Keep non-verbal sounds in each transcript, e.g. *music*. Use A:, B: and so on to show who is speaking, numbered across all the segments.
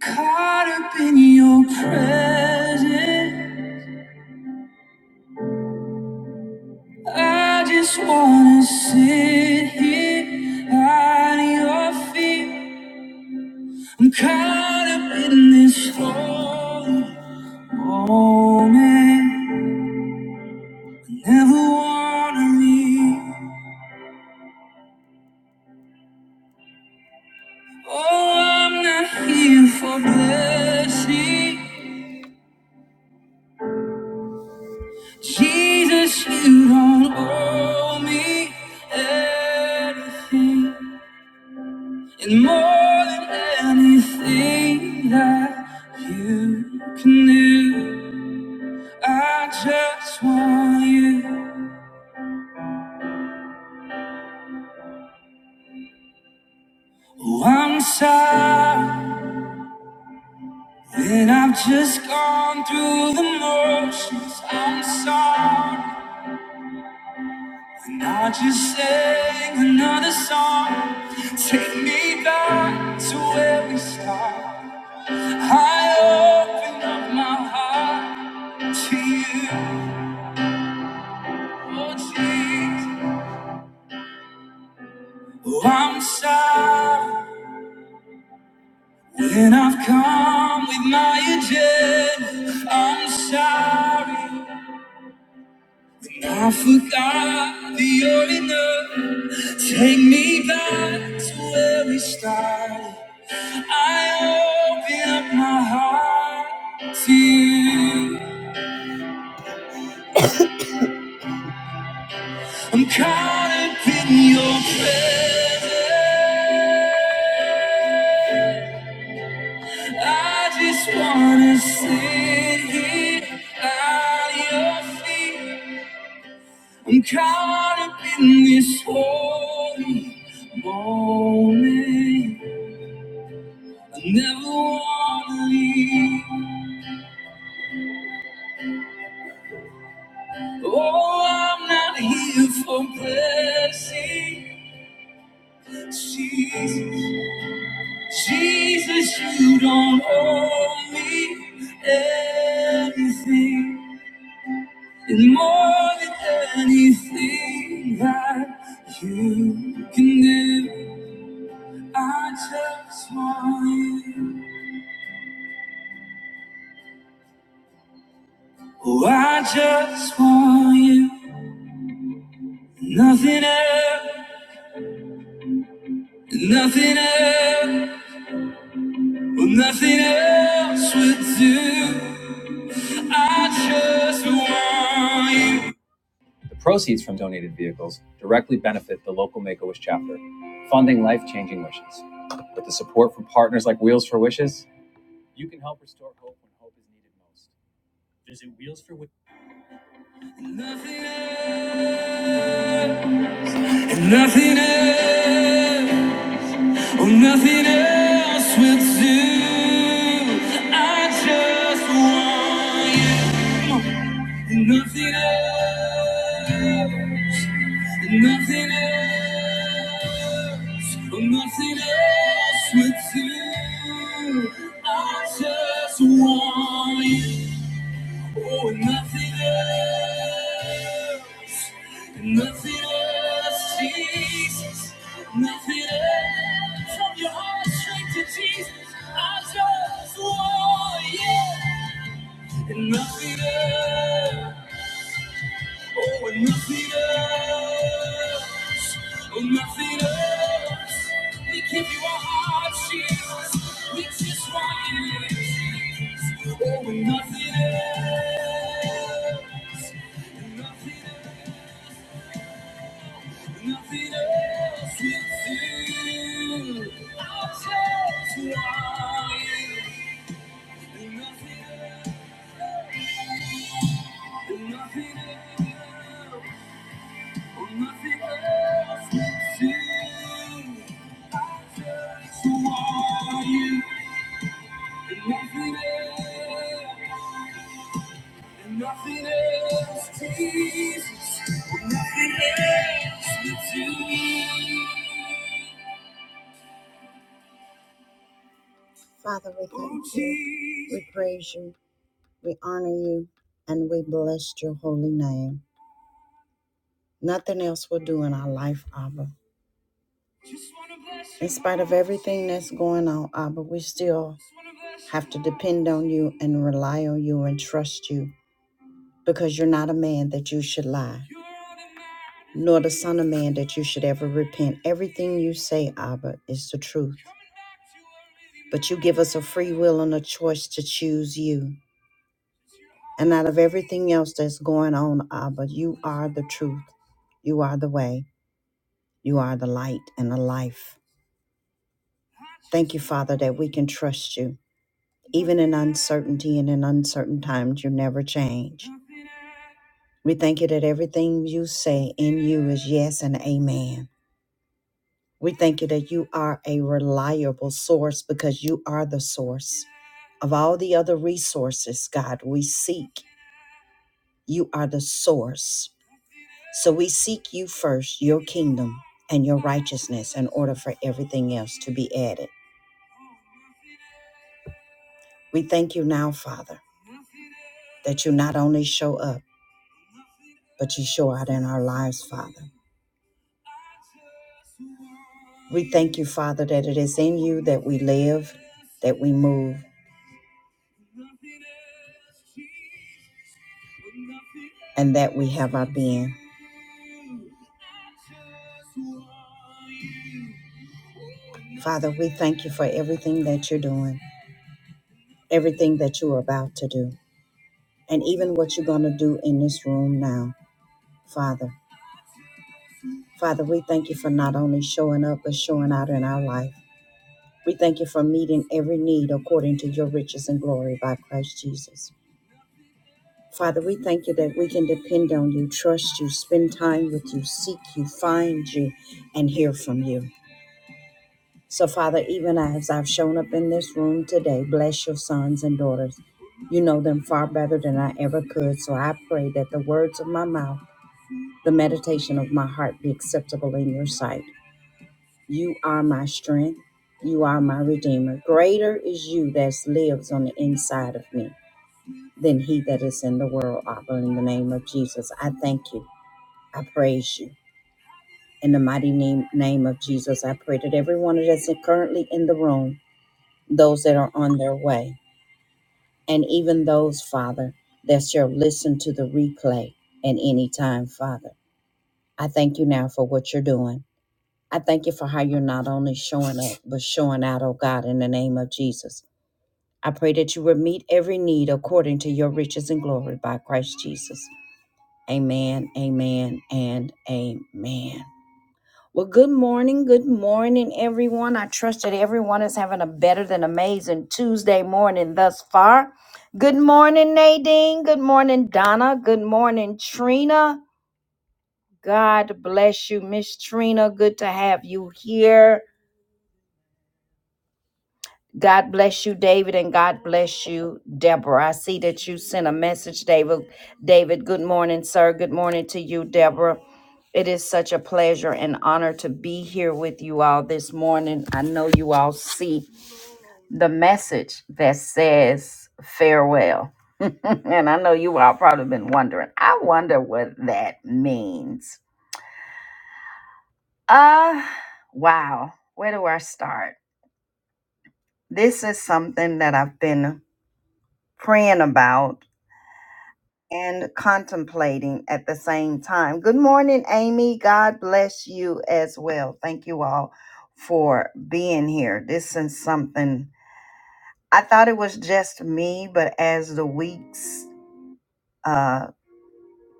A: Caught up in your presence. I just wanna sit here at your feet. I'm caught up in this holy moment. Never wanna leave. Oh, I'm not here for blessing. Jesus, you don't owe me anything. And more than anything that you can do, I just want you. Oh, I'm sorry that I've just gone through the motions. I'm sorry. And I just sang another song. Take me back to where we started. I open up my heart to you, oh Jesus. Oh, I'm sorry when I've come with my agenda. I'm sorry I forgot that you're enough. Take me back to where we started. I open up my heart to you. I'm caught up in your presence. I just wanna sit here at your feet. I'm caught up in this holy moment. I never wanna leave. Oh, I'm not here for blessing. Jesus, Jesus, you don't owe me anything. And more than anything that you can do, I just want you. Oh, I just want you. Nothing else, nothing else, well, nothing else would do. I just want you. Nothing else, and nothing else. Oh, nothing else will do. I just want you. Nothing else. Nothing else. Oh, nothing else will do. I just want you. Oh, and nothing else, nothing else, Jesus, nothing else. From your heart straight to Jesus, I just want you. And nothing else. Oh, and nothing else. Oh, nothing else. We give you our hearts, Jesus. We just want you, Jesus. Oh, and nothing else. And nothing else. Nothing else will do. I just want you. And nothing else. And nothing else. Nothing else So Jesus. Nothing else but you. Father, we thank you. We praise you. We honor you. And we bless your holy name. Nothing else will do in our life, Abba. In spite of everything that's going on, Abba, we still have to depend on you and rely on you and trust you because you're not a man that you should lie, nor the son of man that you should ever repent. Everything you say, Abba, is the truth. But you give us a free will and a choice to choose you. And out of everything else that's going on, Abba, you are the truth. You are the way. You are the light and the life. Thank you, Father, that we can trust you. Even in uncertainty and in uncertain times, you never change. We thank you that everything you say in you is yes and amen. We thank you that you are a reliable source because you are the source of all the other resources, God, we seek. You are the source. So we seek you first, your kingdom and your righteousness, in order for everything else to be added. We thank you now, Father, that you not only show up, but you show out in our lives, Father. We thank you, Father, that it is in you that we live, that we move and that we have our being. Father, we thank you for everything that you're doing, everything that you are about to do, and even what you're going to do in this room now, Father. Father, we thank you for not only showing up, but showing out in our life. We thank you for meeting every need according to your riches and glory by Christ Jesus. Father, we thank you that we can depend on you, trust you, spend time with you, seek you, find you, and hear from you. So, Father, even as I've shown up in this room today, bless your sons and daughters. You know them far better than I ever could. So I pray that the words of my mouth, the meditation of my heart be acceptable in your sight. You are my strength. You are my redeemer. Greater is you that lives on the inside of me than he that is in the world. Abba, in the name of Jesus, I thank you. I praise you. In the mighty name, name of Jesus, I pray that everyone that's currently in the room those that are on their way, and even those, Father, that shall listen to the replay at any time, Father. I thank you now for what you're doing. I thank you for how you're not only showing up, but showing out, oh God, in the name of Jesus. I pray that you will meet every need according to your riches and glory by Christ Jesus. Amen, amen, and amen. Well, good morning. Good morning, everyone. I trust that everyone is having a better than amazing Tuesday morning thus far. Good morning, Nadine. Good morning, Donna. Good morning, Trina. God bless you, Miss Trina. Good to have you here. God bless you, David, and God bless you, Deborah. I see that you sent a message, David. David, good morning, sir. Good morning to you, Deborah. It is such a pleasure and honor to be here with you all this morning. I know you all see the message that says farewell. *laughs* and I know you all probably been wondering. I wonder what that means. Uh, wow. Where do I start? This is something that I've been praying about and contemplating at the same time. Good morning, Amy. God bless you as well. Thank you all for being here. This is something I thought it was just me, but as the weeks uh,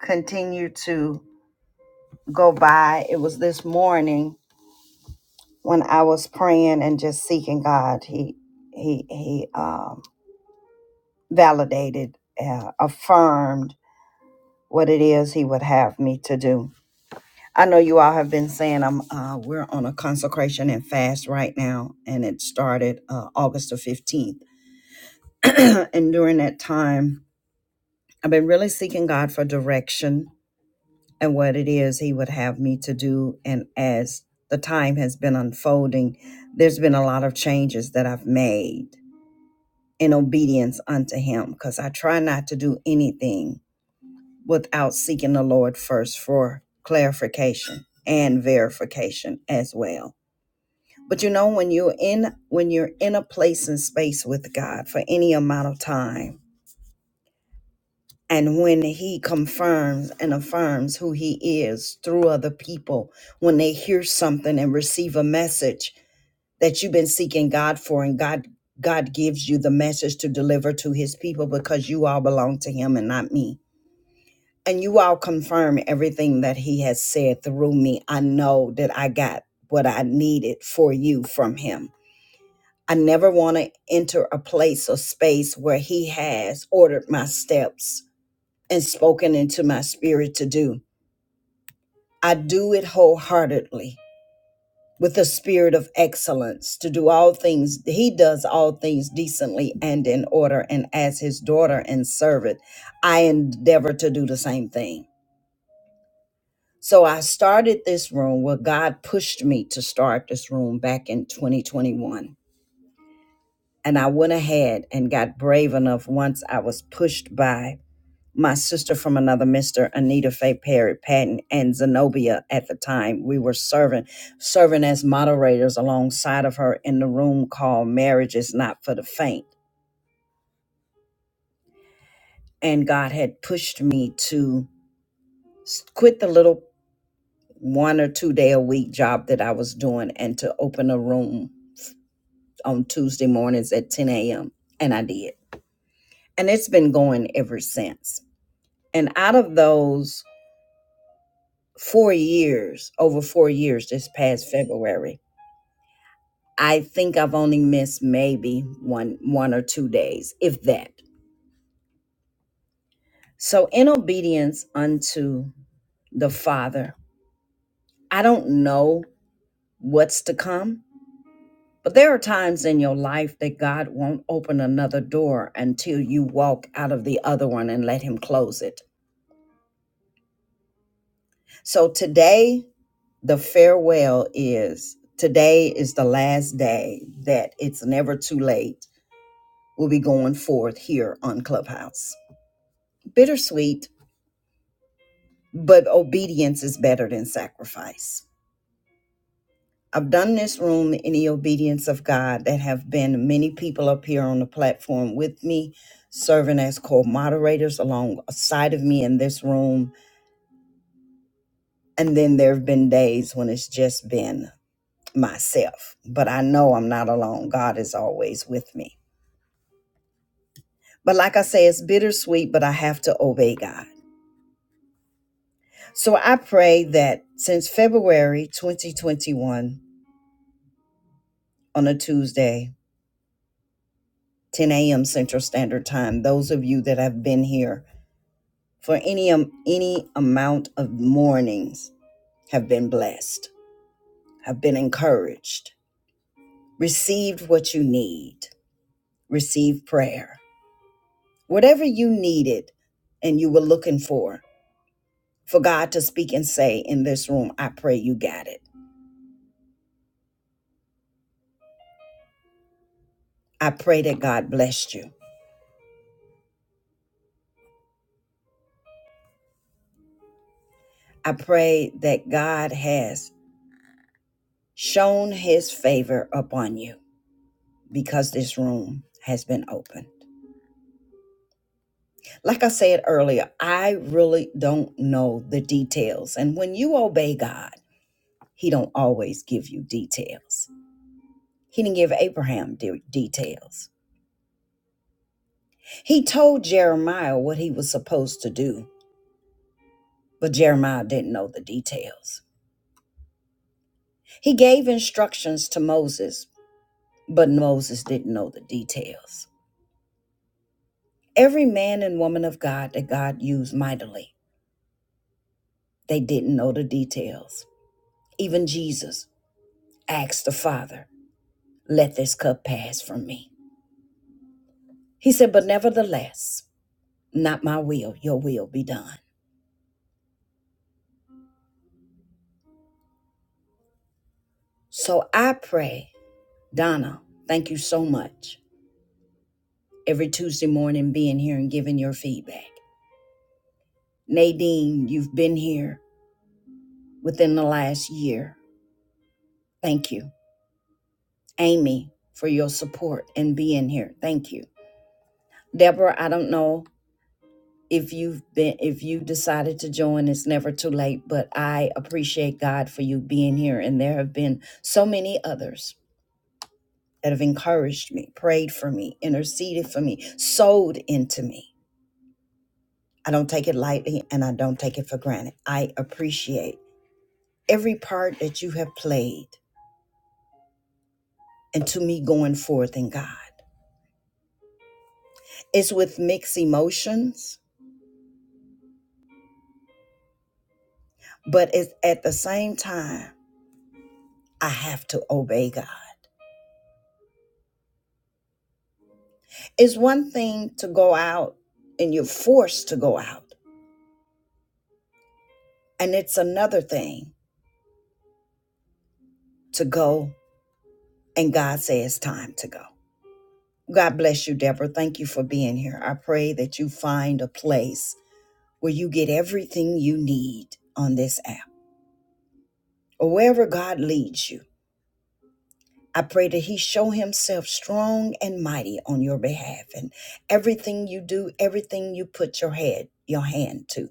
A: continue to go by, it was this morning when I was praying and just seeking God. He he he um, validated, uh, affirmed what it is He would have me to do I know you all have been saying I'm uh, we're on a consecration and fast right now, and it started uh, August the 15th. *clears throat* and during that time, I've been really seeking God for direction and what it is He would have me to do. And as the time has been unfolding, there's been a lot of changes that I've made in obedience unto Him because I try not to do anything without seeking the Lord first for clarification and verification as well But you know, when you're in when you're in a place and space with God for any amount of time, and when He confirms and affirms who He is through other people, when they hear something and receive a message that you've been seeking God for, and God God gives you the message to deliver to His people because you all belong to Him and not me. And you all confirm everything that He has said through me. I know that I got what I needed for you from Him I never want to enter a place or space where He has ordered my steps and spoken into my spirit to do. I do it wholeheartedly with a spirit of excellence to do all things. He does all things decently and in order. And as His daughter and servant, I endeavor to do the same thing. So I started this room where God pushed me to start this room back in 2021 And I went ahead and got brave enough once I was pushed by my sister from another mister, Anita Faye Perry Patton, and Zenobia at the time. We were serving, serving as moderators alongside of her in the room called Marriage is Not for the Faint. And God had pushed me to s- quit the little one or two day a week job that I was doing and to open a room on Tuesday mornings at 10 a.m. And I did. And it's been going ever since And out of those four years, over four years this past February, I think I've only missed maybe one one or two days, if that. So in obedience unto the Father, I don't know what's to come, but there are times in your life that God won't open another door until you walk out of the other one and let him close it. So today the farewell is today is the last day that it's never too late. We'll be going forth here on Clubhouse. Bittersweet, but obedience is better than sacrifice. I've done this room in the obedience of God that have been many people up here on the platform with me, serving as co-moderators alongside of me in this room. And then there have been days when it's just been myself. But I know I'm not alone. God is always with me. But like I say, it's bittersweet, but I have to obey God. So I pray that since February 2021 on a Tuesday, 10 a.m. Central Standard Time, those of you that have been here for any um, any amount of mornings have been blessed, have been encouraged, received what you need, received prayer. Whatever you needed and you were looking for, for God to speak and say in this room, I pray you got it. I pray that God blessed you. I pray that God has shown his favor upon you because this room has been opened. Like I said earlier, I really don't know the details. And when you obey God, he don't always give you details. He didn't give Abraham de- details. He told Jeremiah what he was supposed to do, but Jeremiah didn't know the details. He gave instructions to Moses, But Moses didn't know the details. Every man and woman of God that God used mightily, they didn't know the details. Even Jesus asked the Father, Let this cup pass from me. He said, But nevertheless, not my will, your will be done. So I pray, Donna, thank you so much. Every Tuesday morning, being here and giving your feedback. Nadine, you've been here within the last year. Thank you. Amy, for your support and being here. Thank you. Deborah, I don't know if you've been if you decided to join it's never too late but i appreciate god for you being here and there have been so many others that have encouraged me prayed for me interceded for me sowed into me i don't take it lightly and i don't take it for granted i appreciate every part that you have played and to me going forth in god it's with mixed emotions but it's at the same time i have to obey god it's one thing to go out and you're forced to go out and it's another thing to go and god says it's time to go god bless you deborah thank you for being here i pray that you find a place where you get everything you need on this app or wherever god leads you I pray that he show himself strong and mighty on your behalf and everything you do, everything you put your head, your hand to.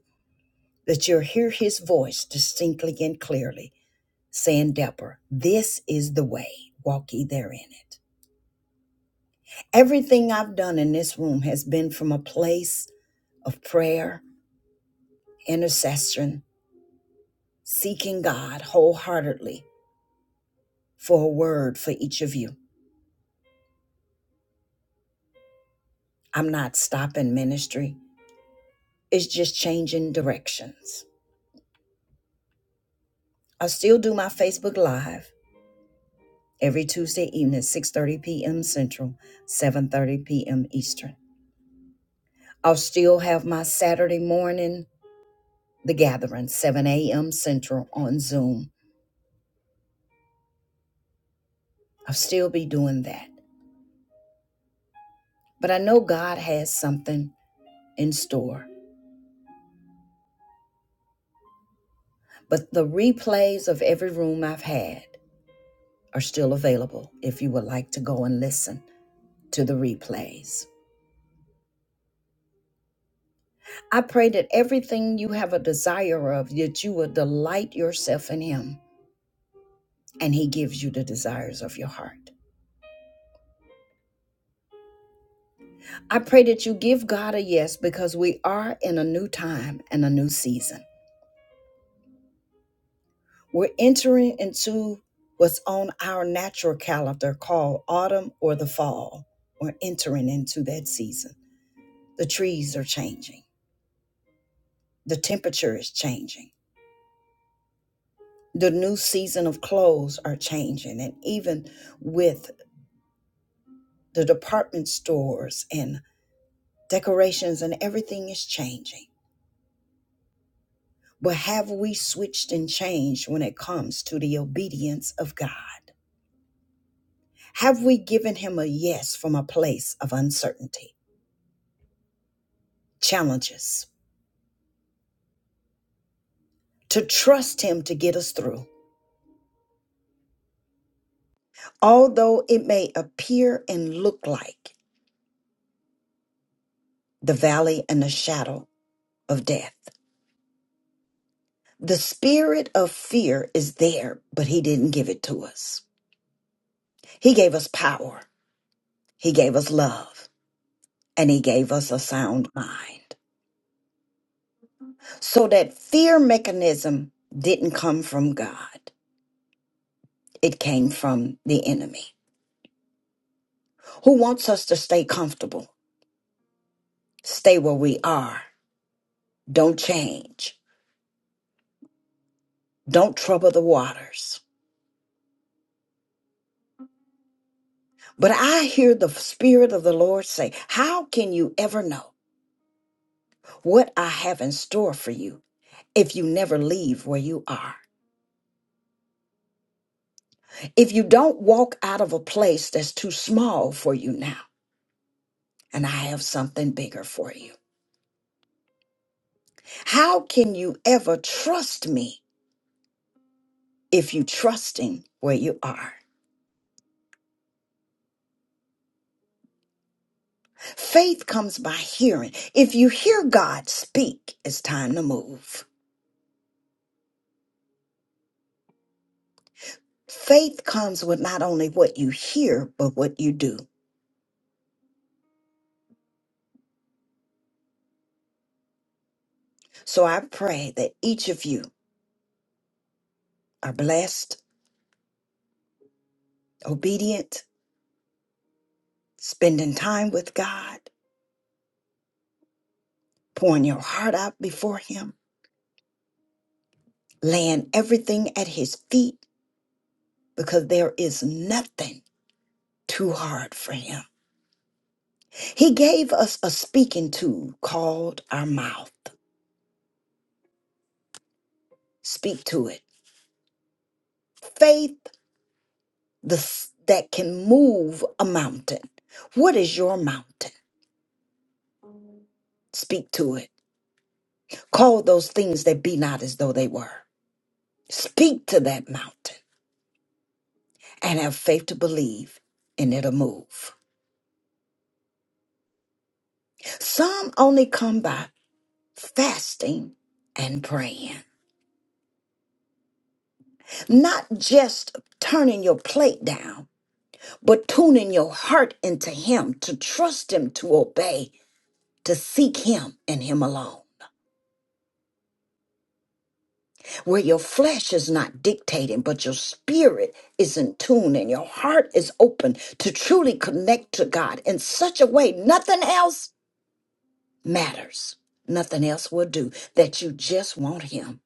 A: that you'll hear his voice distinctly and clearly saying, Deborah, this is the way, walk ye therein it. Everything I've done in this room has been from a place of prayer, intercession, seeking God wholeheartedly for a word for each of you. I'm not stopping ministry, it's just changing directions. I still do my Facebook Live every Tuesday evening at 6:30 p.m. Central, 7:30 p.m. Eastern. I'll still have my Saturday morning, the gathering, 7 a.m. Central on Zoom. I'll still be doing that. But I know God has something in store. But the replays of every room I've had are still available if you would like to go and listen to the replays. I pray that everything you have a desire of, that you will delight yourself in Him and He gives you the desires of your heart. I pray that you give God a yes because we are in a new time and a new season. We're entering into what's on our natural calendar called autumn or the fall. We're entering into that season. The trees are changing, the temperature is changing, the new season of clothes are changing, and even with the department stores and decorations and everything is changing. But have we switched and changed when it comes to the obedience of God? Have we given Him a yes from a place of uncertainty, challenges, to trust Him to get us through? Although it may appear and look like the valley and the shadow of death, the spirit of fear is there, but He didn't give it to us. He gave us power, He gave us love, and He gave us a sound mind. So that fear mechanism didn't come from God, it came from the enemy who wants us to stay comfortable, stay where we are, don't change, don't trouble the waters. But I hear the Spirit of the Lord say, How can you ever know what I have in store for you if you never leave where you are? If you don't walk out of a place that's too small for you now, and I have something bigger for you. How can you ever trust me if you trust him where you are. Faith comes by hearing. If you hear God speak, it's time to move. Faith comes with not only what you hear, but what you do. So I pray that each of you are blessed, obedient, spending time with God, pouring your heart out before Him, laying everything at His feet, because there is nothing too hard for Him. He gave us a speaking tool called our mouth. Speak to it. Faith the, s- that can move a mountain. What is your mountain? Speak to it. Call those things that be not as though they were. Speak to that mountain and have faith to believe, and it'll move. Some only come by fasting and praying, not just turning your plate down, but tuning your heart into Him, to trust Him, to obey, to seek Him and Him alone. where your flesh is not dictating, but your spirit is in tune and your heart is open to truly connect to God in such a way nothing else matters. Nothing else will do that you just want Him.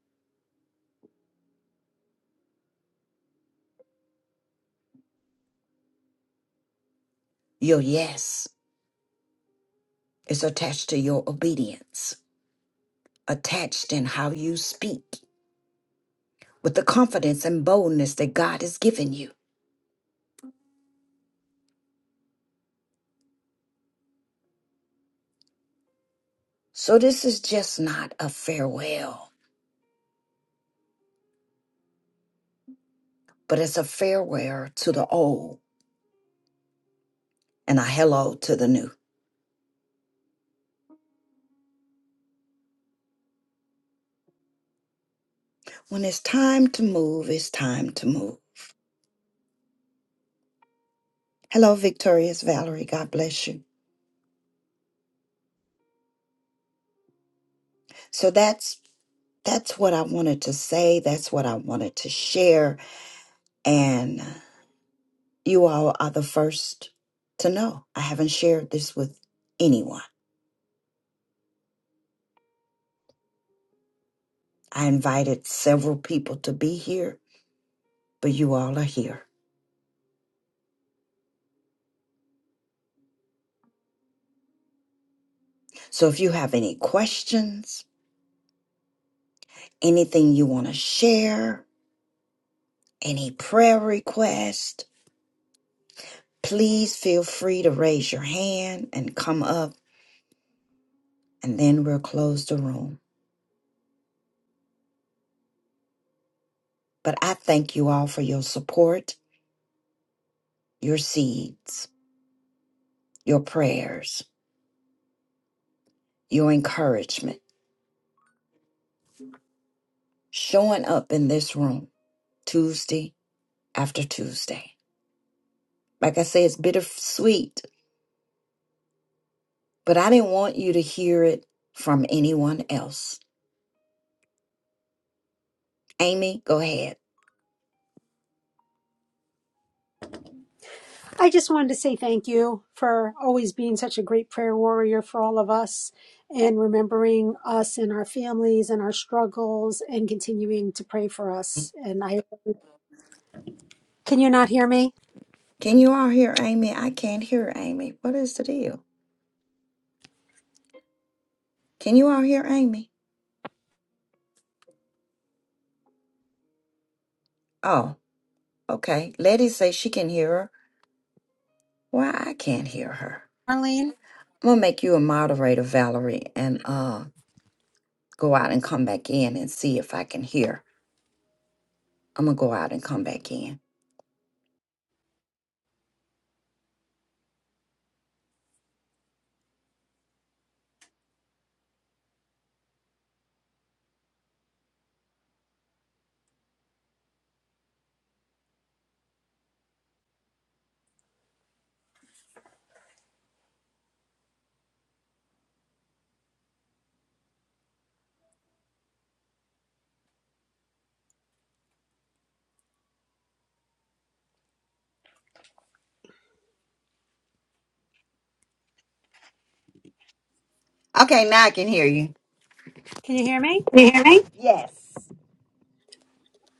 A: Your yes is attached to your obedience, attached in how you speak with the confidence and boldness that God has given you. So, this is just not a farewell, but it's a farewell to the old and a hello to the new. When it's time to move, it's time to move. Hello, Victorious Valerie. God bless you. So that's that's what I wanted to say. That's what I wanted to share. And you all are the first to know. I haven't shared this with anyone. I invited several people to be here, but you all are here. So if you have any questions, anything you want to share, any prayer request, please feel free to raise your hand and come up and then we'll close the room. But I thank you all for your support, your seeds, your prayers, your encouragement, showing up in this room Tuesday after Tuesday. Like I say, it's bittersweet, but I didn't want you to hear it from anyone else. Amy, go ahead.
B: I just wanted to say thank you for always being such a great prayer warrior for all of us and remembering us and our families and our struggles and continuing to pray for us. And I can you not hear me,
A: Can you all hear Amy? I can't hear Amy. What is the deal? Can you all hear Amy? Oh, okay. Letty says she can hear her. Why I can't hear her?
B: Arlene?
A: I'm gonna make you a moderator, Valerie, and uh go out and come back in and see if I can hear. I'm gonna go out and come back in. Okay, now I can hear you.
B: Can you hear me?
A: Yes.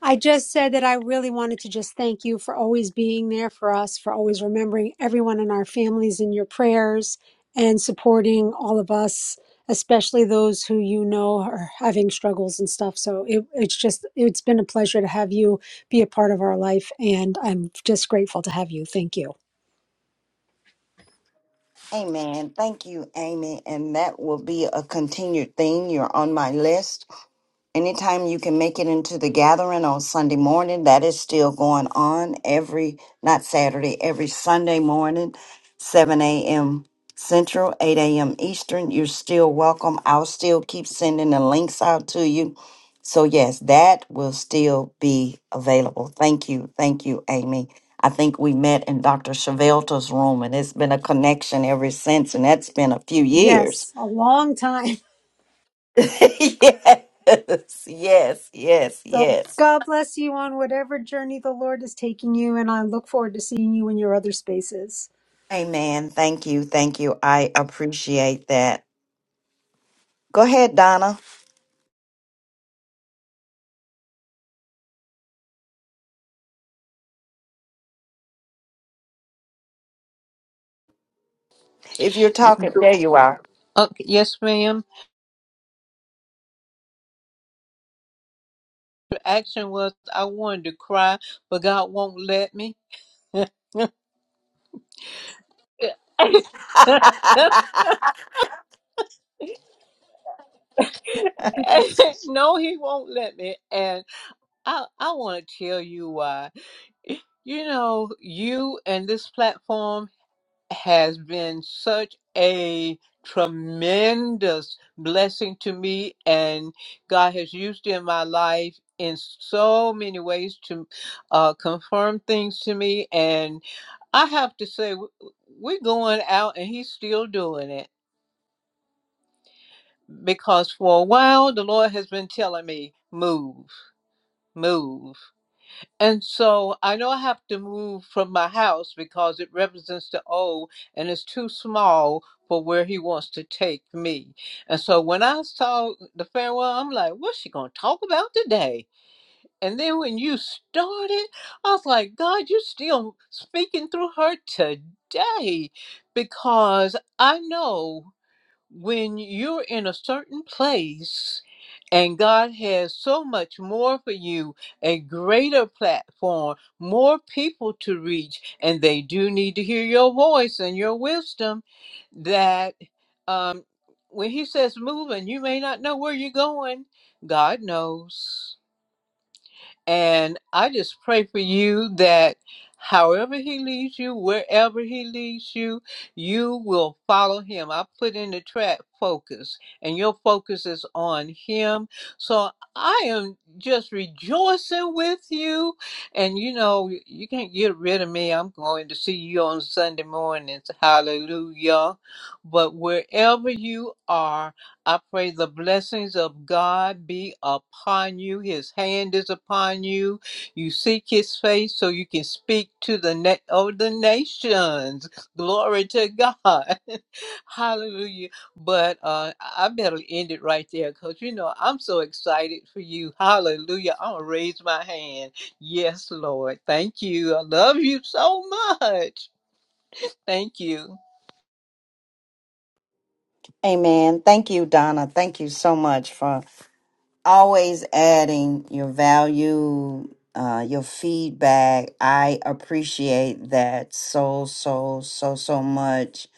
B: I just said that I really wanted to just thank you for always being there for us, for always remembering everyone in our families in your prayers and supporting all of us, especially those who you know are having struggles and stuff. So it, it's just, it's been a pleasure to have you be a part of our life. And I'm just grateful to have you. Thank you.
A: Amen. Thank you, Amy. And that will be a continued thing. You're on my list. Anytime you can make it into the gathering on Sunday morning, that is still going on every, not Saturday, every Sunday morning, 7 a.m. Central, 8 a.m. Eastern. You're still welcome. I'll still keep sending the links out to you. So, yes, that will still be available. Thank you. Thank you, Amy. I think we met in Dr. Chevelta's room, and it's been a connection ever since, and that's been a few years.
B: Yes, a long time. *laughs*
A: *laughs* yes, yes, yes,
B: So
A: yes.
B: God bless you on whatever journey the Lord is taking you. And I look forward to seeing you in your other spaces.
A: Amen. Thank you. Thank you. I appreciate that. Go ahead, Donna. If you're talking, there you are.
C: Okay, yes, ma'am. The action was I wanted to cry, but God won't let me. *laughs* no,
A: *laughs*
C: He won't let me. And I, I want to tell you why. You know, you and this platform has been such a tremendous blessing to me, and God has used it in my life in so many ways to uh, confirm things to me. and. I have to say, w- we're going out and he's still doing it because for a while the Lord has been telling me, move, move. And so I know I have to move from my house because it represents the old and it's too small for where he wants to take me. And so when I saw the farewell, I'm like, what's she going to talk about today? And then when you started, I was like, God, you're still speaking through her today because I know when you're in a certain place and God has so much more for you, a greater platform, more people to reach, and they do need to hear your voice and your wisdom that um, when he says moving, you may not know where you're going. God knows. And I just pray for you that however he leads you, wherever he leads you, you will follow him. I put in the track focus, and your focus is on him. So I am just rejoicing with you. And you know, you can't get rid of me. I'm going to see you on Sunday mornings. Hallelujah. But wherever you are, I pray the blessings of God be upon you. His hand is upon you. You seek his face so you can speak to the net of the nations. Glory to God. *laughs* Hallelujah. But uh, I better end it right there because you know I'm so excited for you. Hallelujah. I'm gonna raise my hand. Yes, Lord. Thank you. I love you so much. Thank you.
A: Amen. Thank you, Donna. Thank you so much for always adding your value, uh, your feedback. I appreciate that so, so, so, so much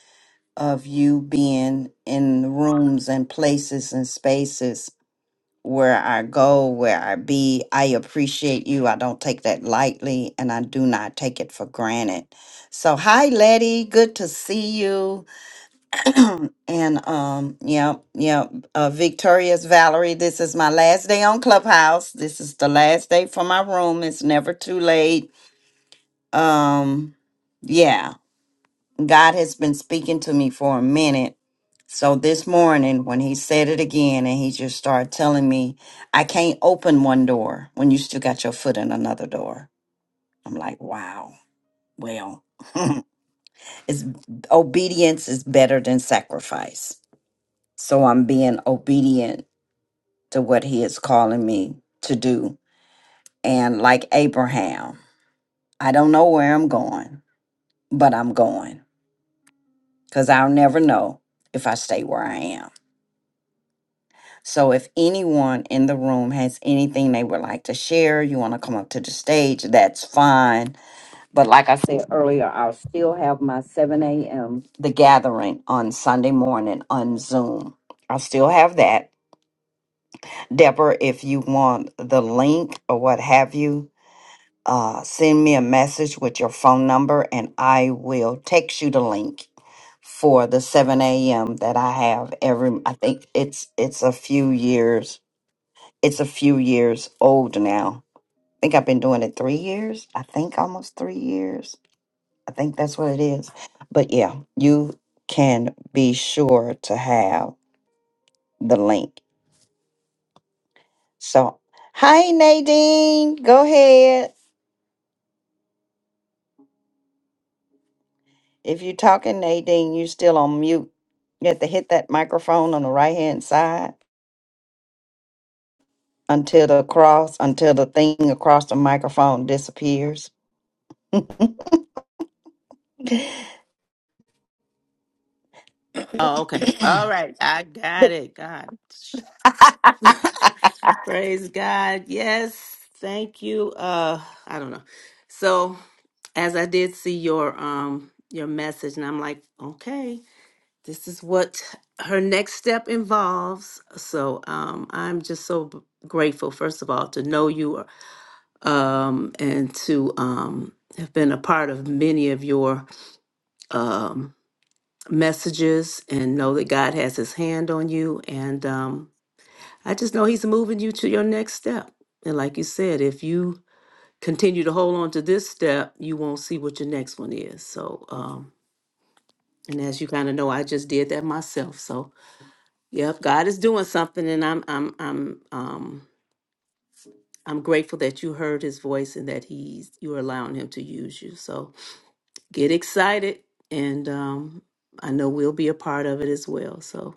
A: of you being in rooms and places and spaces where I go, where I be. I appreciate you. I don't take that lightly and I do not take it for granted. So hi Letty, good to see you. *clears throat* and um yeah, yeah. uh Victorious Valerie, this is my last day on Clubhouse. This is the last day for my room. It's never too late. Um yeah. God has been speaking to me for a minute. So this morning, when he said it again, and he just started telling me, I can't open one door when you still got your foot in another door. I'm like, wow. Well, *laughs* it's obedience is better than sacrifice. So I'm being obedient to what he is calling me to do. And like Abraham, I don't know where I'm going, but I'm going because I'll never know if I stay where I am. So if anyone in the room has anything they would like to share, you want to come up to the stage, that's fine. But like I said earlier, I'll still have my 7 a.m. the gathering on Sunday morning on Zoom. I'll still have that. Deborah, if you want the link or what have you, uh, send me a message with your phone number and I will text you the link for the 7 a.m. that I have every I think it's it's a few years it's a few years old now. I think I've been doing it three years. I think almost three years. I think that's what it is. But yeah, you can be sure to have the link. So, hi, Nadine. Go ahead. If you're talking, Nadine, you still on mute. You have to hit that microphone on the right hand side until the cross, until the thing across the microphone disappears.
D: Oh, okay.
A: *laughs*
D: All
A: *clears throat*
D: right. I got it. God. *laughs* Praise God. Yes. Thank you. Uh I don't know. So as I did see your um your message and I'm like, okay, this is what her next step involves. So um I'm just so b- grateful, first of all, to know you um and to um have been a part of many of your um messages and know that God has his hand on you and um I just know he's moving you to your next step. And like you said, if you continue to hold on to this step, you won't see what your next one is. So, um, and as you kind of know, I just did that myself. So, yep, God is doing something, and I'm, I'm, I'm, um, I'm grateful that you heard His voice and that He's you're allowing Him to use you. So, get excited, and um, I know we'll be a part of it as well. So,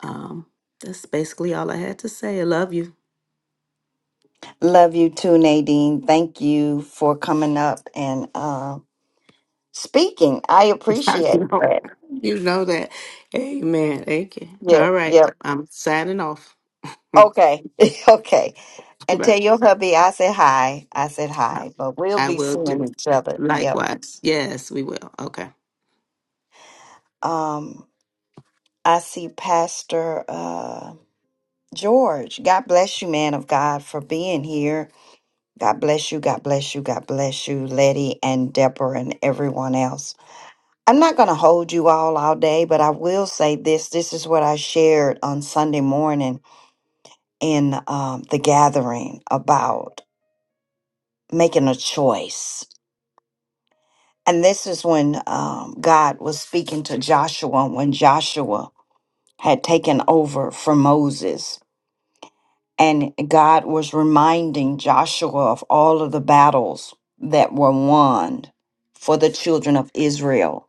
D: um, that's basically all I had to say. I love you.
A: Love you too, Nadine. Thank you for coming up and uh, speaking. I
D: *laughs*
A: appreciate
D: you know,
A: it.
D: you know that. Amen. Thank you.
A: Yeah,
D: All right.
A: yeah.
D: I'm signing off. *laughs*
A: Okay, *laughs* okay. And
D: Right.
A: tell your hubby I said hi. I said
D: I
A: hi, but we'll
D: I
A: be
D: will
A: seeing
D: do
A: each other. Yep.
D: likewise. Yes, we will. Okay.
A: Um, I see Pastor uh, George. God bless you, man of God, for being here. God bless you. God bless you. God bless you, Letty and Deborah and everyone else. I'm not going to hold you all all day, but I will say this. This is what I shared on Sunday morning in um, the gathering about making a choice. And this is when um, God was speaking to Joshua, when Joshua had taken over from Moses. And God was reminding Joshua of all of the battles that were won for the children of Israel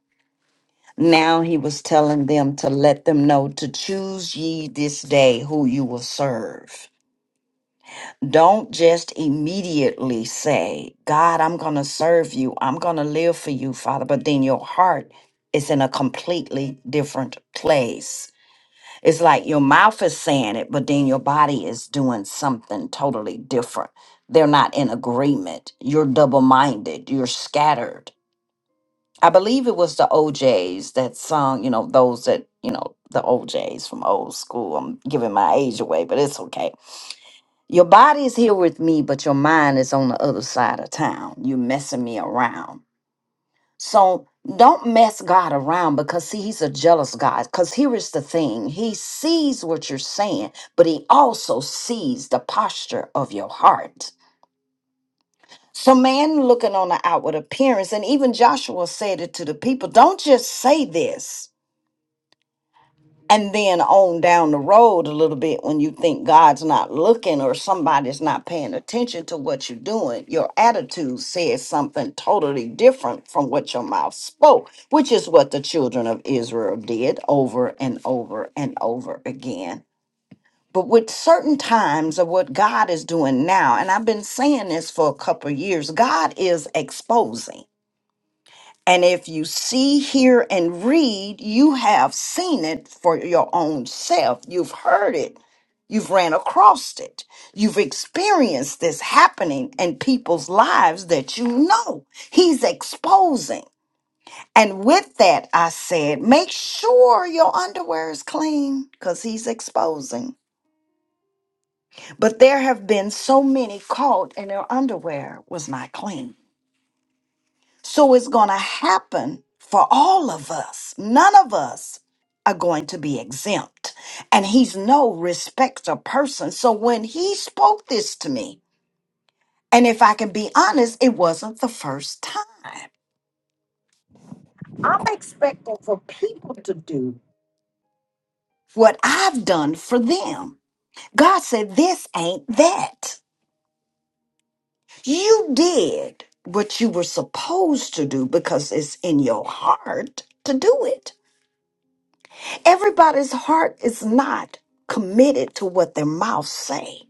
A: Now he was telling them to let them know to choose ye this day who you will serve. Don't just immediately say, God, I'm going to serve you. I'm going to live for you, Father. But then your heart is in a completely different place. It's like your mouth is saying it, but then your body is doing something totally different. They're not in agreement. You're double minded. You're scattered I believe it was the OJs that sung, you know, those that, you know, the OJs from old school. I'm giving my age away, but it's okay. Your body is here with me, but your mind is on the other side of town. you messing me around. So don't mess God around because, see, he's a jealous God. Because here is the thing he sees what you're saying, but he also sees the posture of your heart. So man looking on the outward appearance, and even Joshua said it to the people don't just say this. And then on down the road a little bit, when you think God's not looking or somebody's not paying attention to what you're doing, your attitude says something totally different from what your mouth spoke, which is what the children of Israel did over and over and over again. But with certain times of what God is doing now, and I've been saying this for a couple of years, God is exposing. And if you see, hear, and read, you have seen it for your own self. You've heard it. You've ran across it. You've experienced this happening in people's lives that you know. He's exposing. And with that, I said, make sure your underwear is clean because he's exposing. But there have been so many caught and their underwear was not clean. So it's going to happen for all of us. None of us are going to be exempt. And he's no respecter person. So when he spoke this to me, and if I can be honest, it wasn't the first time. I'm expecting for people to do what I've done for them. God said, This ain't that. You did what you were supposed to do because it's in your heart to do it. Everybody's heart is not committed to what their mouth say.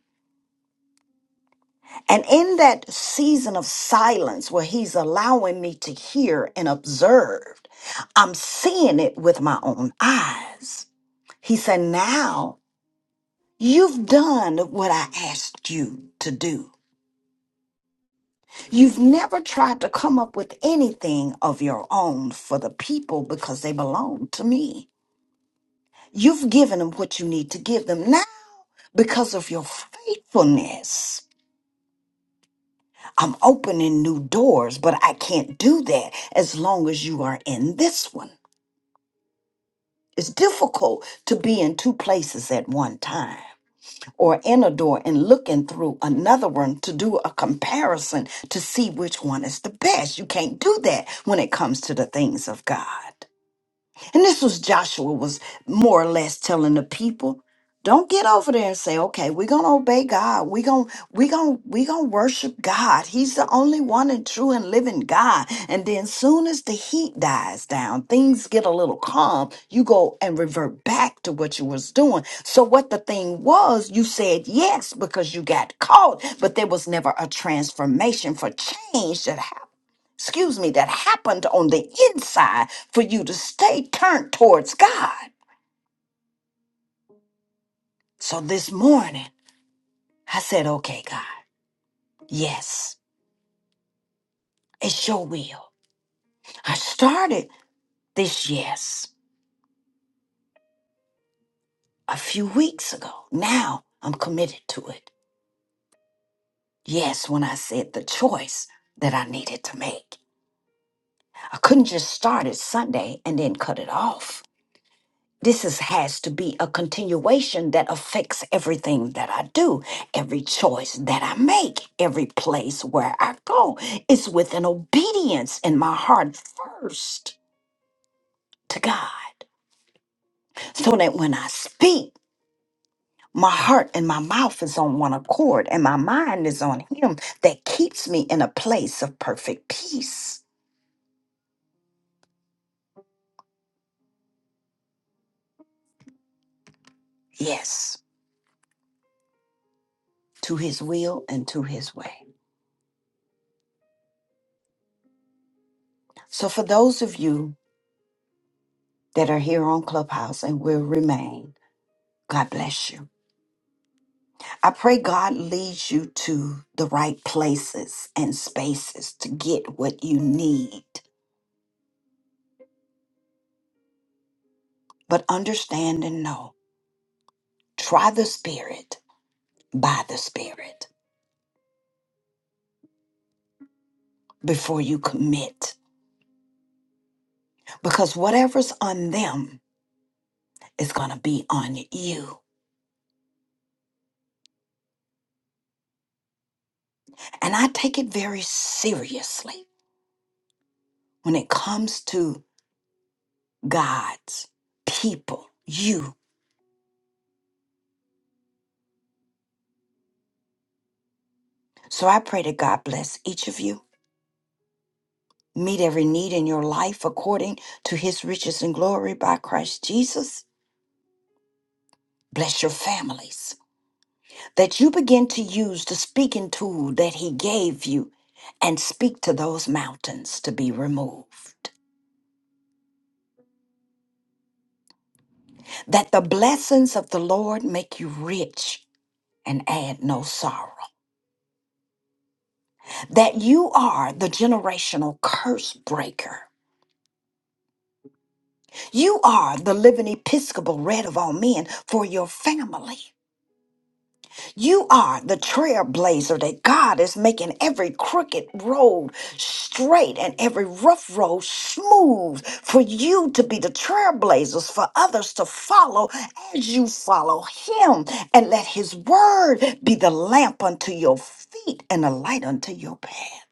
A: And in that season of silence where he's allowing me to hear and observe, I'm seeing it with my own eyes. He said, Now you've done what I asked you to do. You've never tried to come up with anything of your own for the people because they belong to me. You've given them what you need to give them. Now, because of your faithfulness, I'm opening new doors, but I can't do that as long as you are in this one. It's difficult to be in two places at one time or in a door and looking through another one to do a comparison to see which one is the best. You can't do that when it comes to the things of God. And this was Joshua was more or less telling the people, don't get over there and say, okay, we're gonna obey God. We're gonna we gonna we gonna worship God. He's the only one and true and living God. And then soon as the heat dies down, things get a little calm, you go and revert back to what you was doing. So what the thing was, you said yes because you got caught, but there was never a transformation for change that happened excuse me, that happened on the inside for you to stay turned towards God. So this morning, I said, okay, God, yes, it's your will. I started this yes a few weeks ago. Now I'm committed to it. Yes, when I said the choice that I needed to make, I couldn't just start it Sunday and then cut it off. this is, has to be a continuation that affects everything that I do, every choice that I make, every place where I go. It's with an obedience in my heart first to God, so that when I speak, my heart and my mouth is on one accord, and my mind is on Him that keeps me in a place of perfect peace. Yes, to His will and to His way. So, for those of you that are here on Clubhouse and will remain, God bless you. I pray God leads you to the right places and spaces to get what you need. But understand and know try the Spirit by the Spirit before you commit, because whatever's on them is going to be on you. And I take it very seriously when it comes to God's people, you. So I pray that God bless each of you. meet every need in your life according to his riches and glory by Christ Jesus. Bless your families. That you begin to use the speaking tool that he gave you and speak to those mountains to be removed. That the blessings of the Lord make you rich and add no sorrow. That you are the generational curse breaker. You are the living Episcopal red of all men for your family You are the trailblazer that God is making every crooked road straight and every rough road smooth for you to be the trailblazers for others to follow as you follow Him. And let His word be the lamp unto your feet and a light unto your path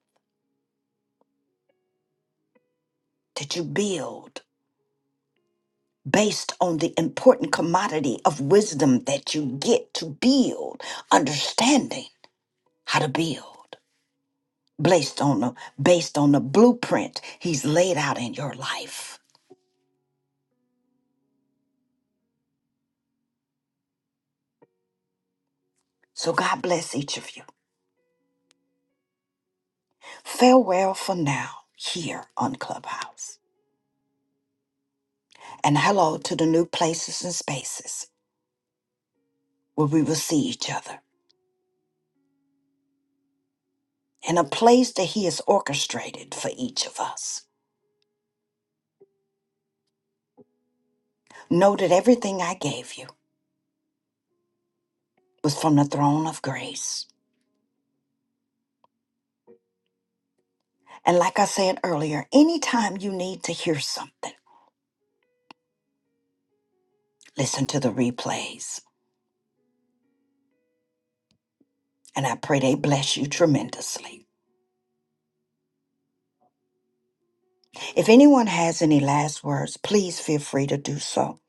A: that you build based on the important commodity of wisdom that you get to build, understanding how to build. based on the based on the blueprint he's laid out in your life. So God bless each of you. Farewell for now here on Clubhouse. And hello to the new places and spaces where we will see each other in a place that he has orchestrated for each of us. Know that everything I gave you was from the throne of grace. And like I said earlier, anytime you need to hear something, listen to the replays. And I pray they bless you tremendously. If anyone has any last words, please feel free to do so.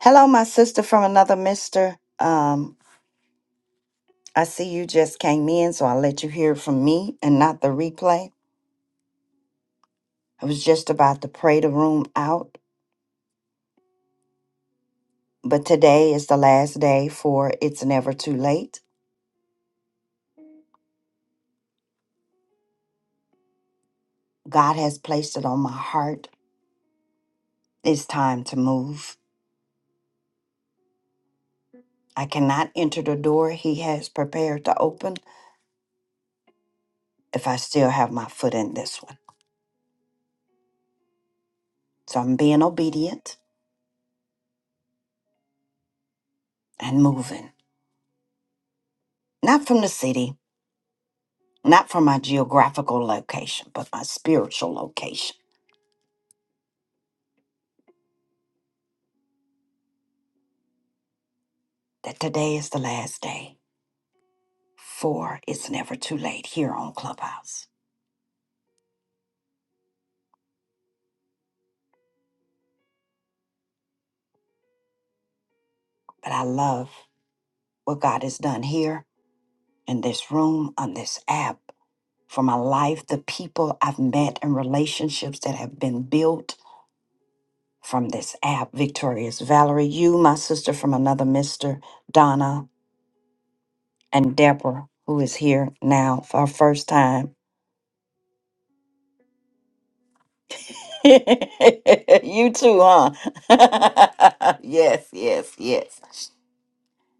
A: Hello, my sister from another mister. Um, I see you just came in, so I'll let you hear from me and not the replay. I was just about to pray the room out, but today is the last day for It's Never Too Late. God has placed it on my heart. It's time to move. I cannot enter the door He has prepared to open if I still have my foot in this one. So I'm being obedient and moving. Not from the city, not from my geographical location, but my spiritual location. That today is the last day, for it's never too late here on Clubhouse. But I love what God has done here in this room, on this app, for my life, the people I've met, and relationships that have been built from this app. Victorious Valerie, you, my sister from another mister, Donna, and Deborah, who is here now for her first time. *laughs* you too, huh? *laughs* yes, yes, yes.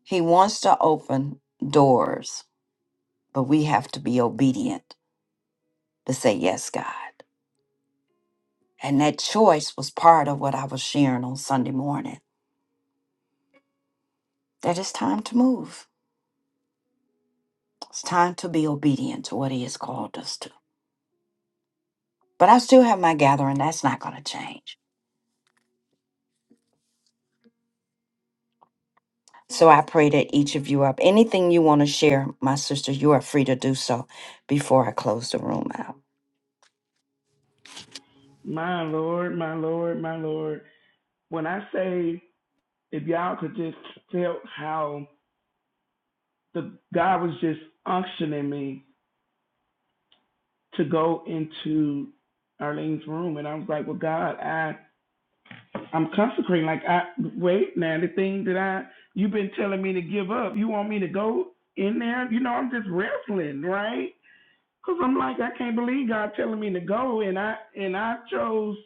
A: He wants to open doors, but we have to be obedient to say, Yes, God. And that choice was part of what I was sharing on Sunday morning that it's time to move. It's time to be obedient to what He has called us to. But I still have my gathering. That's not going to change. So I pray that each of you up. Anything you want to share, my sister, you are free to do so before I close the room out.
E: My Lord, my Lord, my Lord. When I say if y'all could just feel how the God was just unctioning me to go into Arlene's room and I was like, Well God, I I'm consecrating. Like I wait now, the thing that I you've been telling me to give up, you want me to go in there? You know, I'm just wrestling, right? Cause I'm like, I can't believe God telling me to go and I and I chose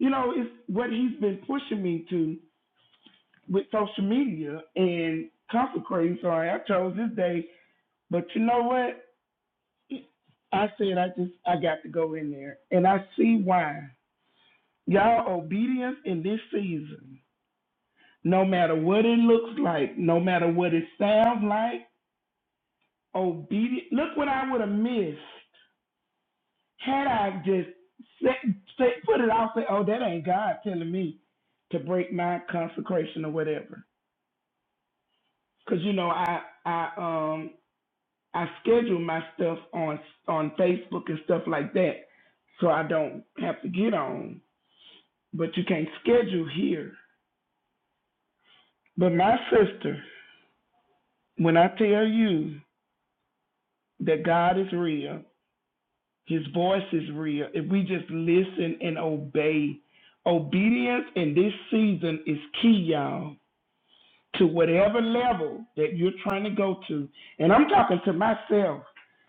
E: you know, it's what he's been pushing me to with social media and consecrating. Sorry, I chose this day, but you know what? I said I just I got to go in there, and I see why y'all obedience in this season. No matter what it looks like, no matter what it sounds like, obedient. Look what I would have missed had I just set, set, put it out. Say, oh, that ain't God telling me to break my consecration or whatever. Because you know I I um I schedule my stuff on on Facebook and stuff like that, so I don't have to get on. But you can't schedule here. But my sister, when I tell you that God is real, His voice is real. If we just listen and obey, obedience in this season is key, y'all. To whatever level that you're trying to go to, and I'm talking to myself,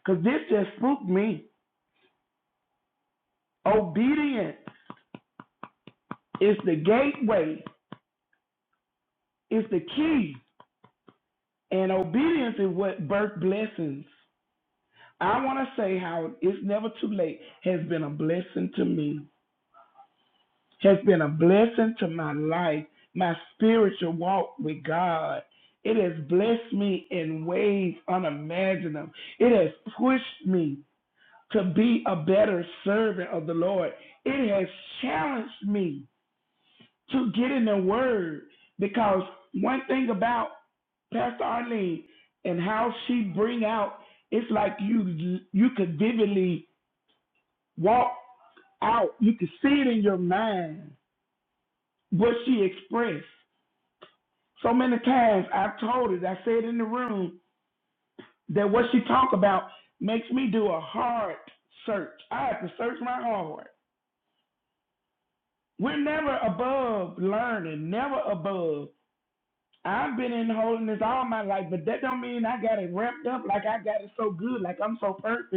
E: cause this just spooked me. Obedience is the gateway Is the key, and obedience is what birth blessings. I want to say how it's never too late has been a blessing to me, has been a blessing to my life, my spiritual walk with God. It has blessed me in ways unimaginable. It has pushed me to be a better servant of the Lord. It has challenged me to get in the Word because one thing about Pastor Arlene, and how she bring out. It's like you you could vividly walk out. You could see it in your mind what she expressed. So many times I've told it. I said in the room that what she talk about makes me do a hard search. I have to search my heart. We're never above learning. Never above. I've been in holiness all my life, but that don't mean I got it wrapped up like I got it so good, like I'm so perfect.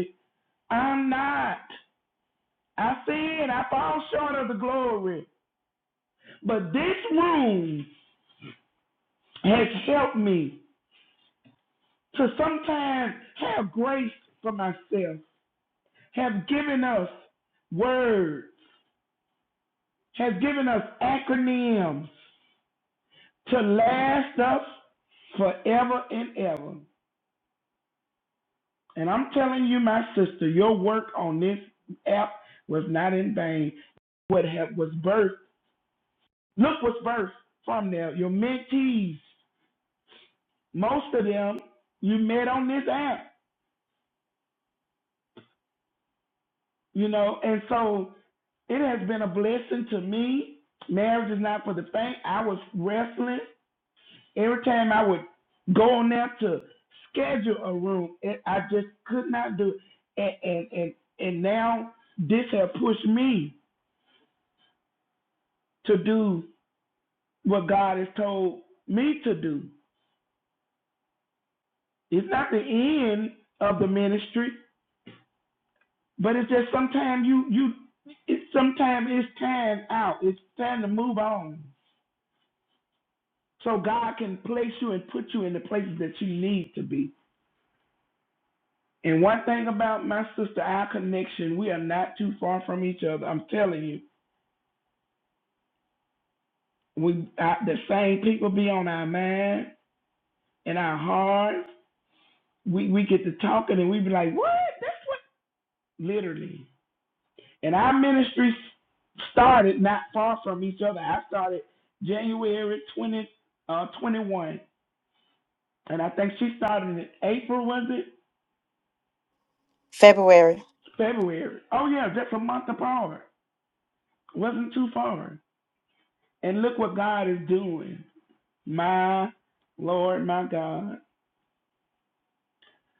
E: I'm not. I said I fall short of the glory. But this room has helped me to sometimes have grace for myself, have given us words, have given us acronyms to last us forever and ever. And I'm telling you, my sister, your work on this app was not in vain. What have, was birthed, look what's birthed from there, your mentees most of them you met on this app, you know, and so it has been a blessing to me. Marriage is not for the faint. I was wrestling every time I would go on there to schedule a room. It, I just could not do it, and and and, and now this has pushed me to do what God has told me to do. It's not the end of the ministry. But it's just sometimes you you it sometimes it's time out. It's time to move on. So God can place you and put you in the places that you need to be. And one thing about my sister, our connection, we are not too far from each other. I'm telling you, we I, the same people be on our mind and our hearts. We we get to talking and we be like, what? That's what literally. And our ministry started not far from each other. I started January 20th, uh, 21. And I think she started in April, was it?
A: February.
E: February. Oh, yeah, just a month apart. Wasn't too far. And look what God is doing. My Lord, my God.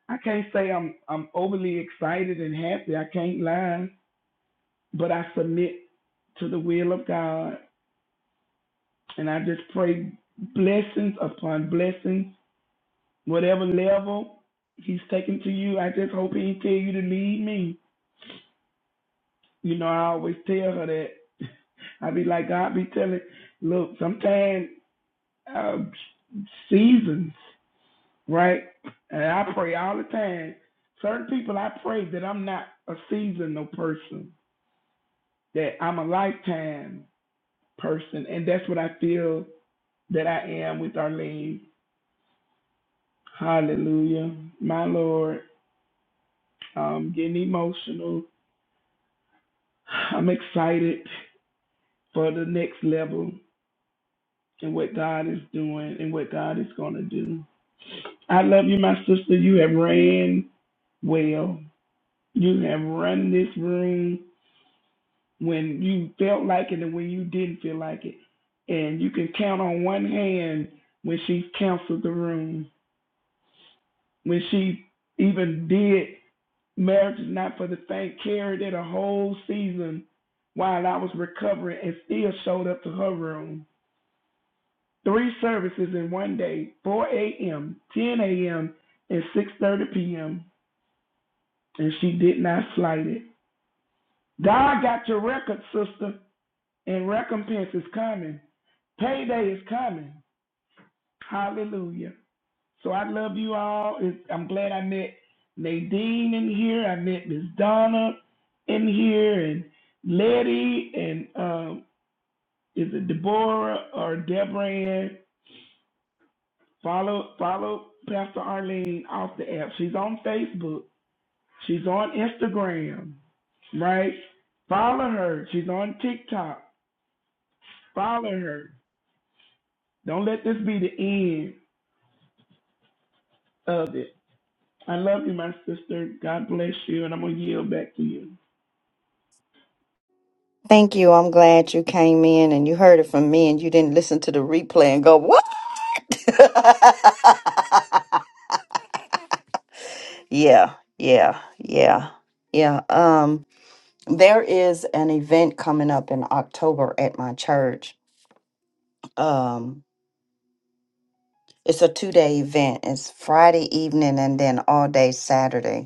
E: I can't say I'm I'm overly excited and happy. I can't lie. But I submit to the will of God. And I just pray blessings upon blessings, whatever level He's taking to you. I just hope He tell you to lead me. You know, I always tell her that I be like, God be telling, look, sometimes uh, seasons, right? And I pray all the time. Certain people, I pray that I'm not a seasonal person, that I'm a lifetime person. And that's what I feel that I am with Arlene. Hallelujah. My Lord, I'm getting emotional. I'm excited for the next level and what God is doing and what God is going to do. I love you, my sister. You have ran. Well, you have run this room when you felt like it and when you didn't feel like it. And you can count on one hand when she counseled the room, when she even did Marriage is Not for the Faint, carried it a whole season while I was recovering and still showed up to her room. Three services in one day, 4 a.m., 10 a.m., and 6.30 p.m., and she did not slight it. God got your record, sister. and recompense is coming. Payday is coming. Hallelujah. So I love you all. It- I'm glad I met Nadine in here. I met Miss Donna in here and Letty and um, is it Deborah or Deborah? Ann? Follow follow Pastor Arlene off the app. She's on Facebook. She's on Instagram, right? Follow her. She's on TikTok. Follow her. Don't let this be the end of it. I love you, my sister. God bless you, and I'm gonna yield back to you.
A: Thank you. I'm glad you came in and you heard it from me and you didn't listen to the replay and go, "What?" *laughs* yeah. Yeah. Yeah. Yeah. Um there is an event coming up in October at my church. Um it's a two-day event. It's Friday evening and then all day Saturday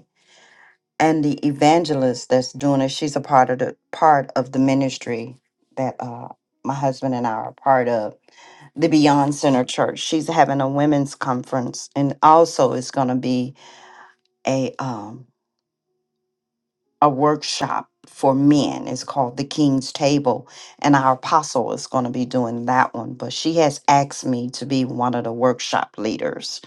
A: and the evangelist that's doing it she's a part of the part of the ministry that uh my husband and i are part of the beyond center church she's having a women's conference and also it's going to be a um a workshop for men it's called the king's table and our apostle is going to be doing that one but she has asked me to be one of the workshop leaders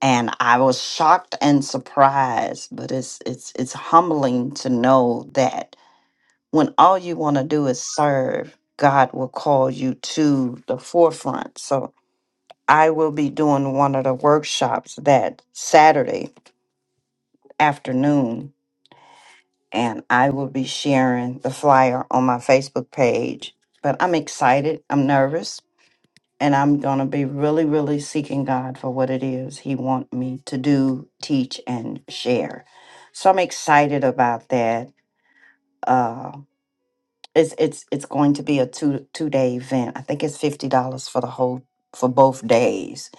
A: and i was shocked and surprised but it's it's it's humbling to know that when all you want to do is serve, God will call you to the forefront. So I will be doing one of the workshops that Saturday afternoon, and I will be sharing the flyer on my Facebook page. But I'm excited, I'm nervous, and I'm going to be really, really seeking God for what it is He wants me to do, teach, and share. So I'm excited about that. uh, It's it's it's going to be a two two day event. I think it's fifty dollars for the whole for both days.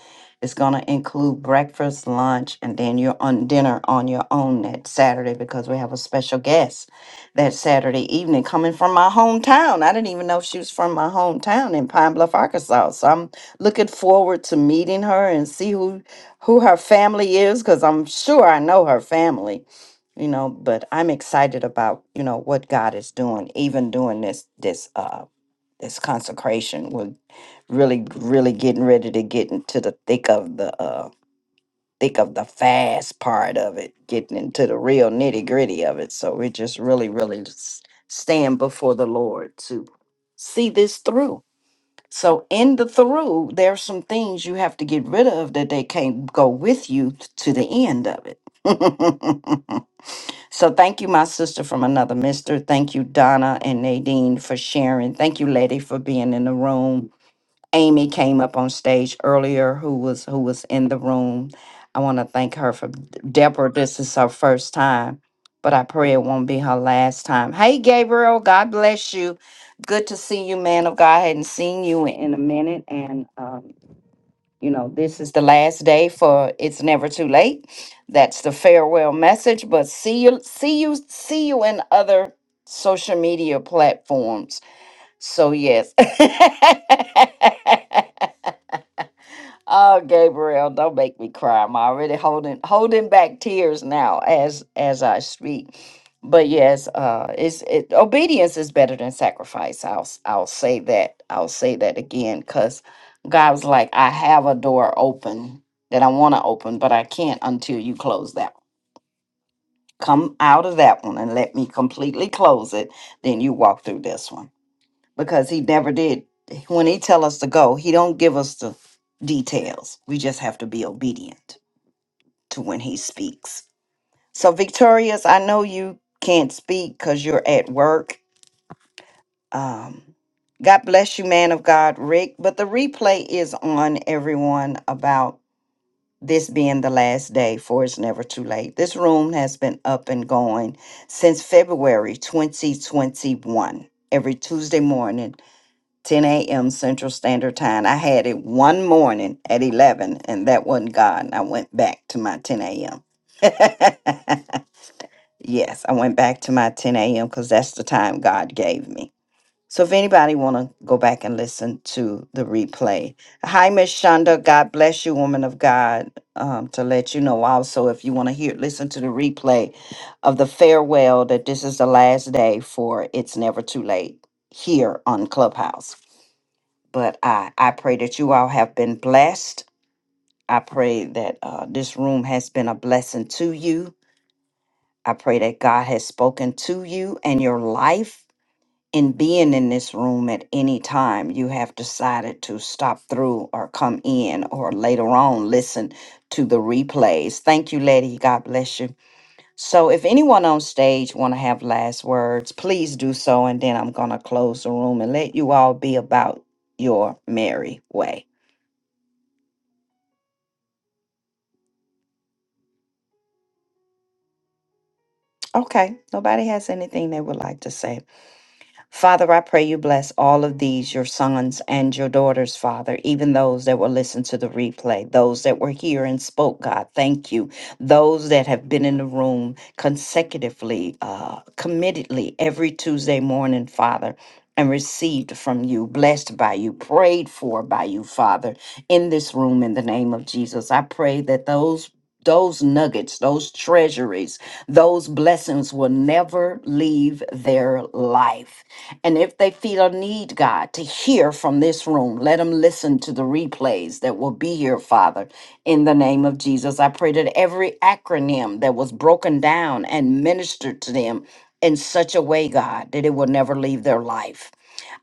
A: It's gonna include breakfast, lunch, and then you're on dinner on your own that Saturday because we have a special guest that Saturday evening coming from my hometown. I didn't even know she was from my hometown in Pine Bluff, Arkansas. So I'm looking forward to meeting her and see who who her family is because I'm sure I know her family you know but i'm excited about you know what god is doing even doing this this uh this consecration we're really really getting ready to get into the thick of the uh thick of the fast part of it getting into the real nitty gritty of it so we're just really really s- stand before the lord to see this through so in the through there are some things you have to get rid of that they can't go with you t- to the end of it *laughs* So thank you, my sister from another mister. Thank you, Donna and Nadine for sharing. Thank you, Letty, for being in the room. Amy came up on stage earlier, who was who was in the room. I want to thank her for Deborah. This is her first time, but I pray it won't be her last time. Hey, Gabriel, God bless you. Good to see you, man of God. I hadn't seen you in a minute, and um, you know, this is the last day for it's never too late. That's the farewell message. But see you, see you, see you in other social media platforms. So yes. *laughs* Oh, Gabriel, don't make me cry. I'm already holding holding back tears now as as I speak. But yes, uh, it's it, obedience is better than sacrifice. I'll s- I'll say that. I'll say that again because God was like, I have a door open that I want to open, but I can't until you close that. one. Come out of that one and let me completely close it. Then you walk through this one because he never did. When he tell us to go, he don't give us the details. We just have to be obedient to when he speaks. So Victorious, I know you can't speak because you're at work. Um, God bless you, man of God, Rick. But the replay is on everyone about this being the last day, for it's never too late. This room has been up and going since February 2021, every Tuesday morning 10 a.m. Central Standard Time. I had it one morning at 11, and that wasn't God. And I went back to my 10 a.m. *laughs* yes, I went back to my 10 a.m. because that's the time God gave me. So if anybody want to go back and listen to the replay, hi Miss Shonda, God bless you, woman of God. Um, to let you know also if you want to hear listen to the replay of the farewell that this is the last day for it's never too late here on Clubhouse but I, I pray that you all have been blessed. I pray that uh, this room has been a blessing to you. I pray that God has spoken to you and your life in being in this room at any time you have decided to stop through or come in or later on listen to the replays. Thank you, Lady. God bless you. So if anyone on stage want to have last words, please do so and then I'm going to close the room and let you all be about your merry way. Okay. Nobody has anything they would like to say. Father, I pray you bless all of these, your sons and your daughters, Father, even those that will listen to the replay, those that were here and spoke, God, thank you. Those that have been in the room consecutively, uh, committedly every Tuesday morning, Father. And received from you, blessed by you, prayed for by you, Father, in this room in the name of Jesus. I pray that those those nuggets, those treasuries, those blessings will never leave their life and if they feel a need, God, to hear from this room, let them listen to the replays that will be here, Father, in the name of Jesus. I pray that every acronym that was broken down and ministered to them in such a way, God, that it will never leave their life.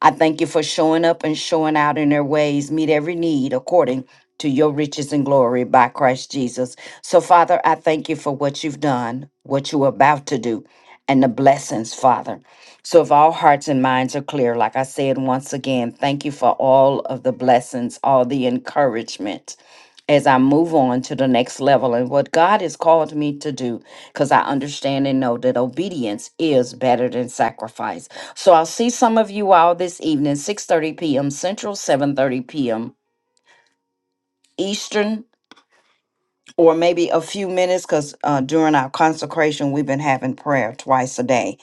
A: I thank you for showing up and showing out in their ways. Meet every need according to your riches and glory by Christ Jesus. So, Father, I thank you for what you've done, what you're about to do, and the blessings, Father. So, if all hearts and minds are clear, like I said once again, thank you for all of the blessings, all the encouragement as I move on to the next level and what God has called me to do, because I understand and know that obedience is better than sacrifice. So, I'll see some of you all this evening, 6 30 p.m. Central, 7 30 p.m. Eastern. Or maybe a few minutes because uh, during our consecration, we've been having prayer twice a day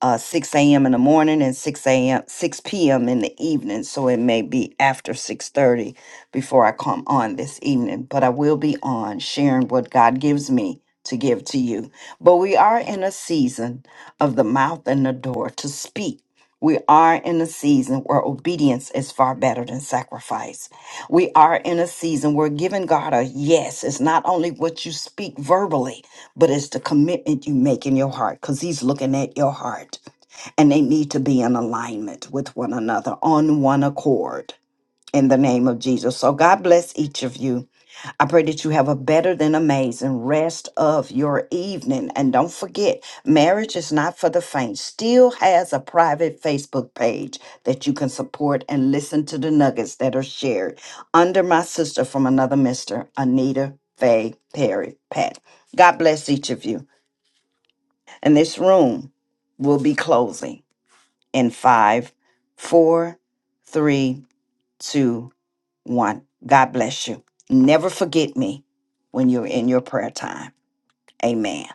A: uh, 6 a.m. in the morning and 6 a.m. 6 p.m. in the evening. So it may be after 6:30 before I come on this evening, but I will be on sharing what God gives me to give to you. But we are in a season of the mouth and the door to speak. We are in a season where obedience is far better than sacrifice. We are in a season where giving God a yes is not only what you speak verbally, but it's the commitment you make in your heart because he's looking at your heart and they need to be in alignment with one another on one accord in the name of Jesus. So God bless each of you. I pray that you have a better than amazing rest of your evening. And don't forget, marriage is not for the faint. Still has a private Facebook page that you can support and listen to the nuggets that are shared under my sister from another mister, Anita Faye Perry Pat. God bless each of you. And this room will be closing in five, four, three, two, one. God bless you. Never forget me when you're in your prayer time. Amen.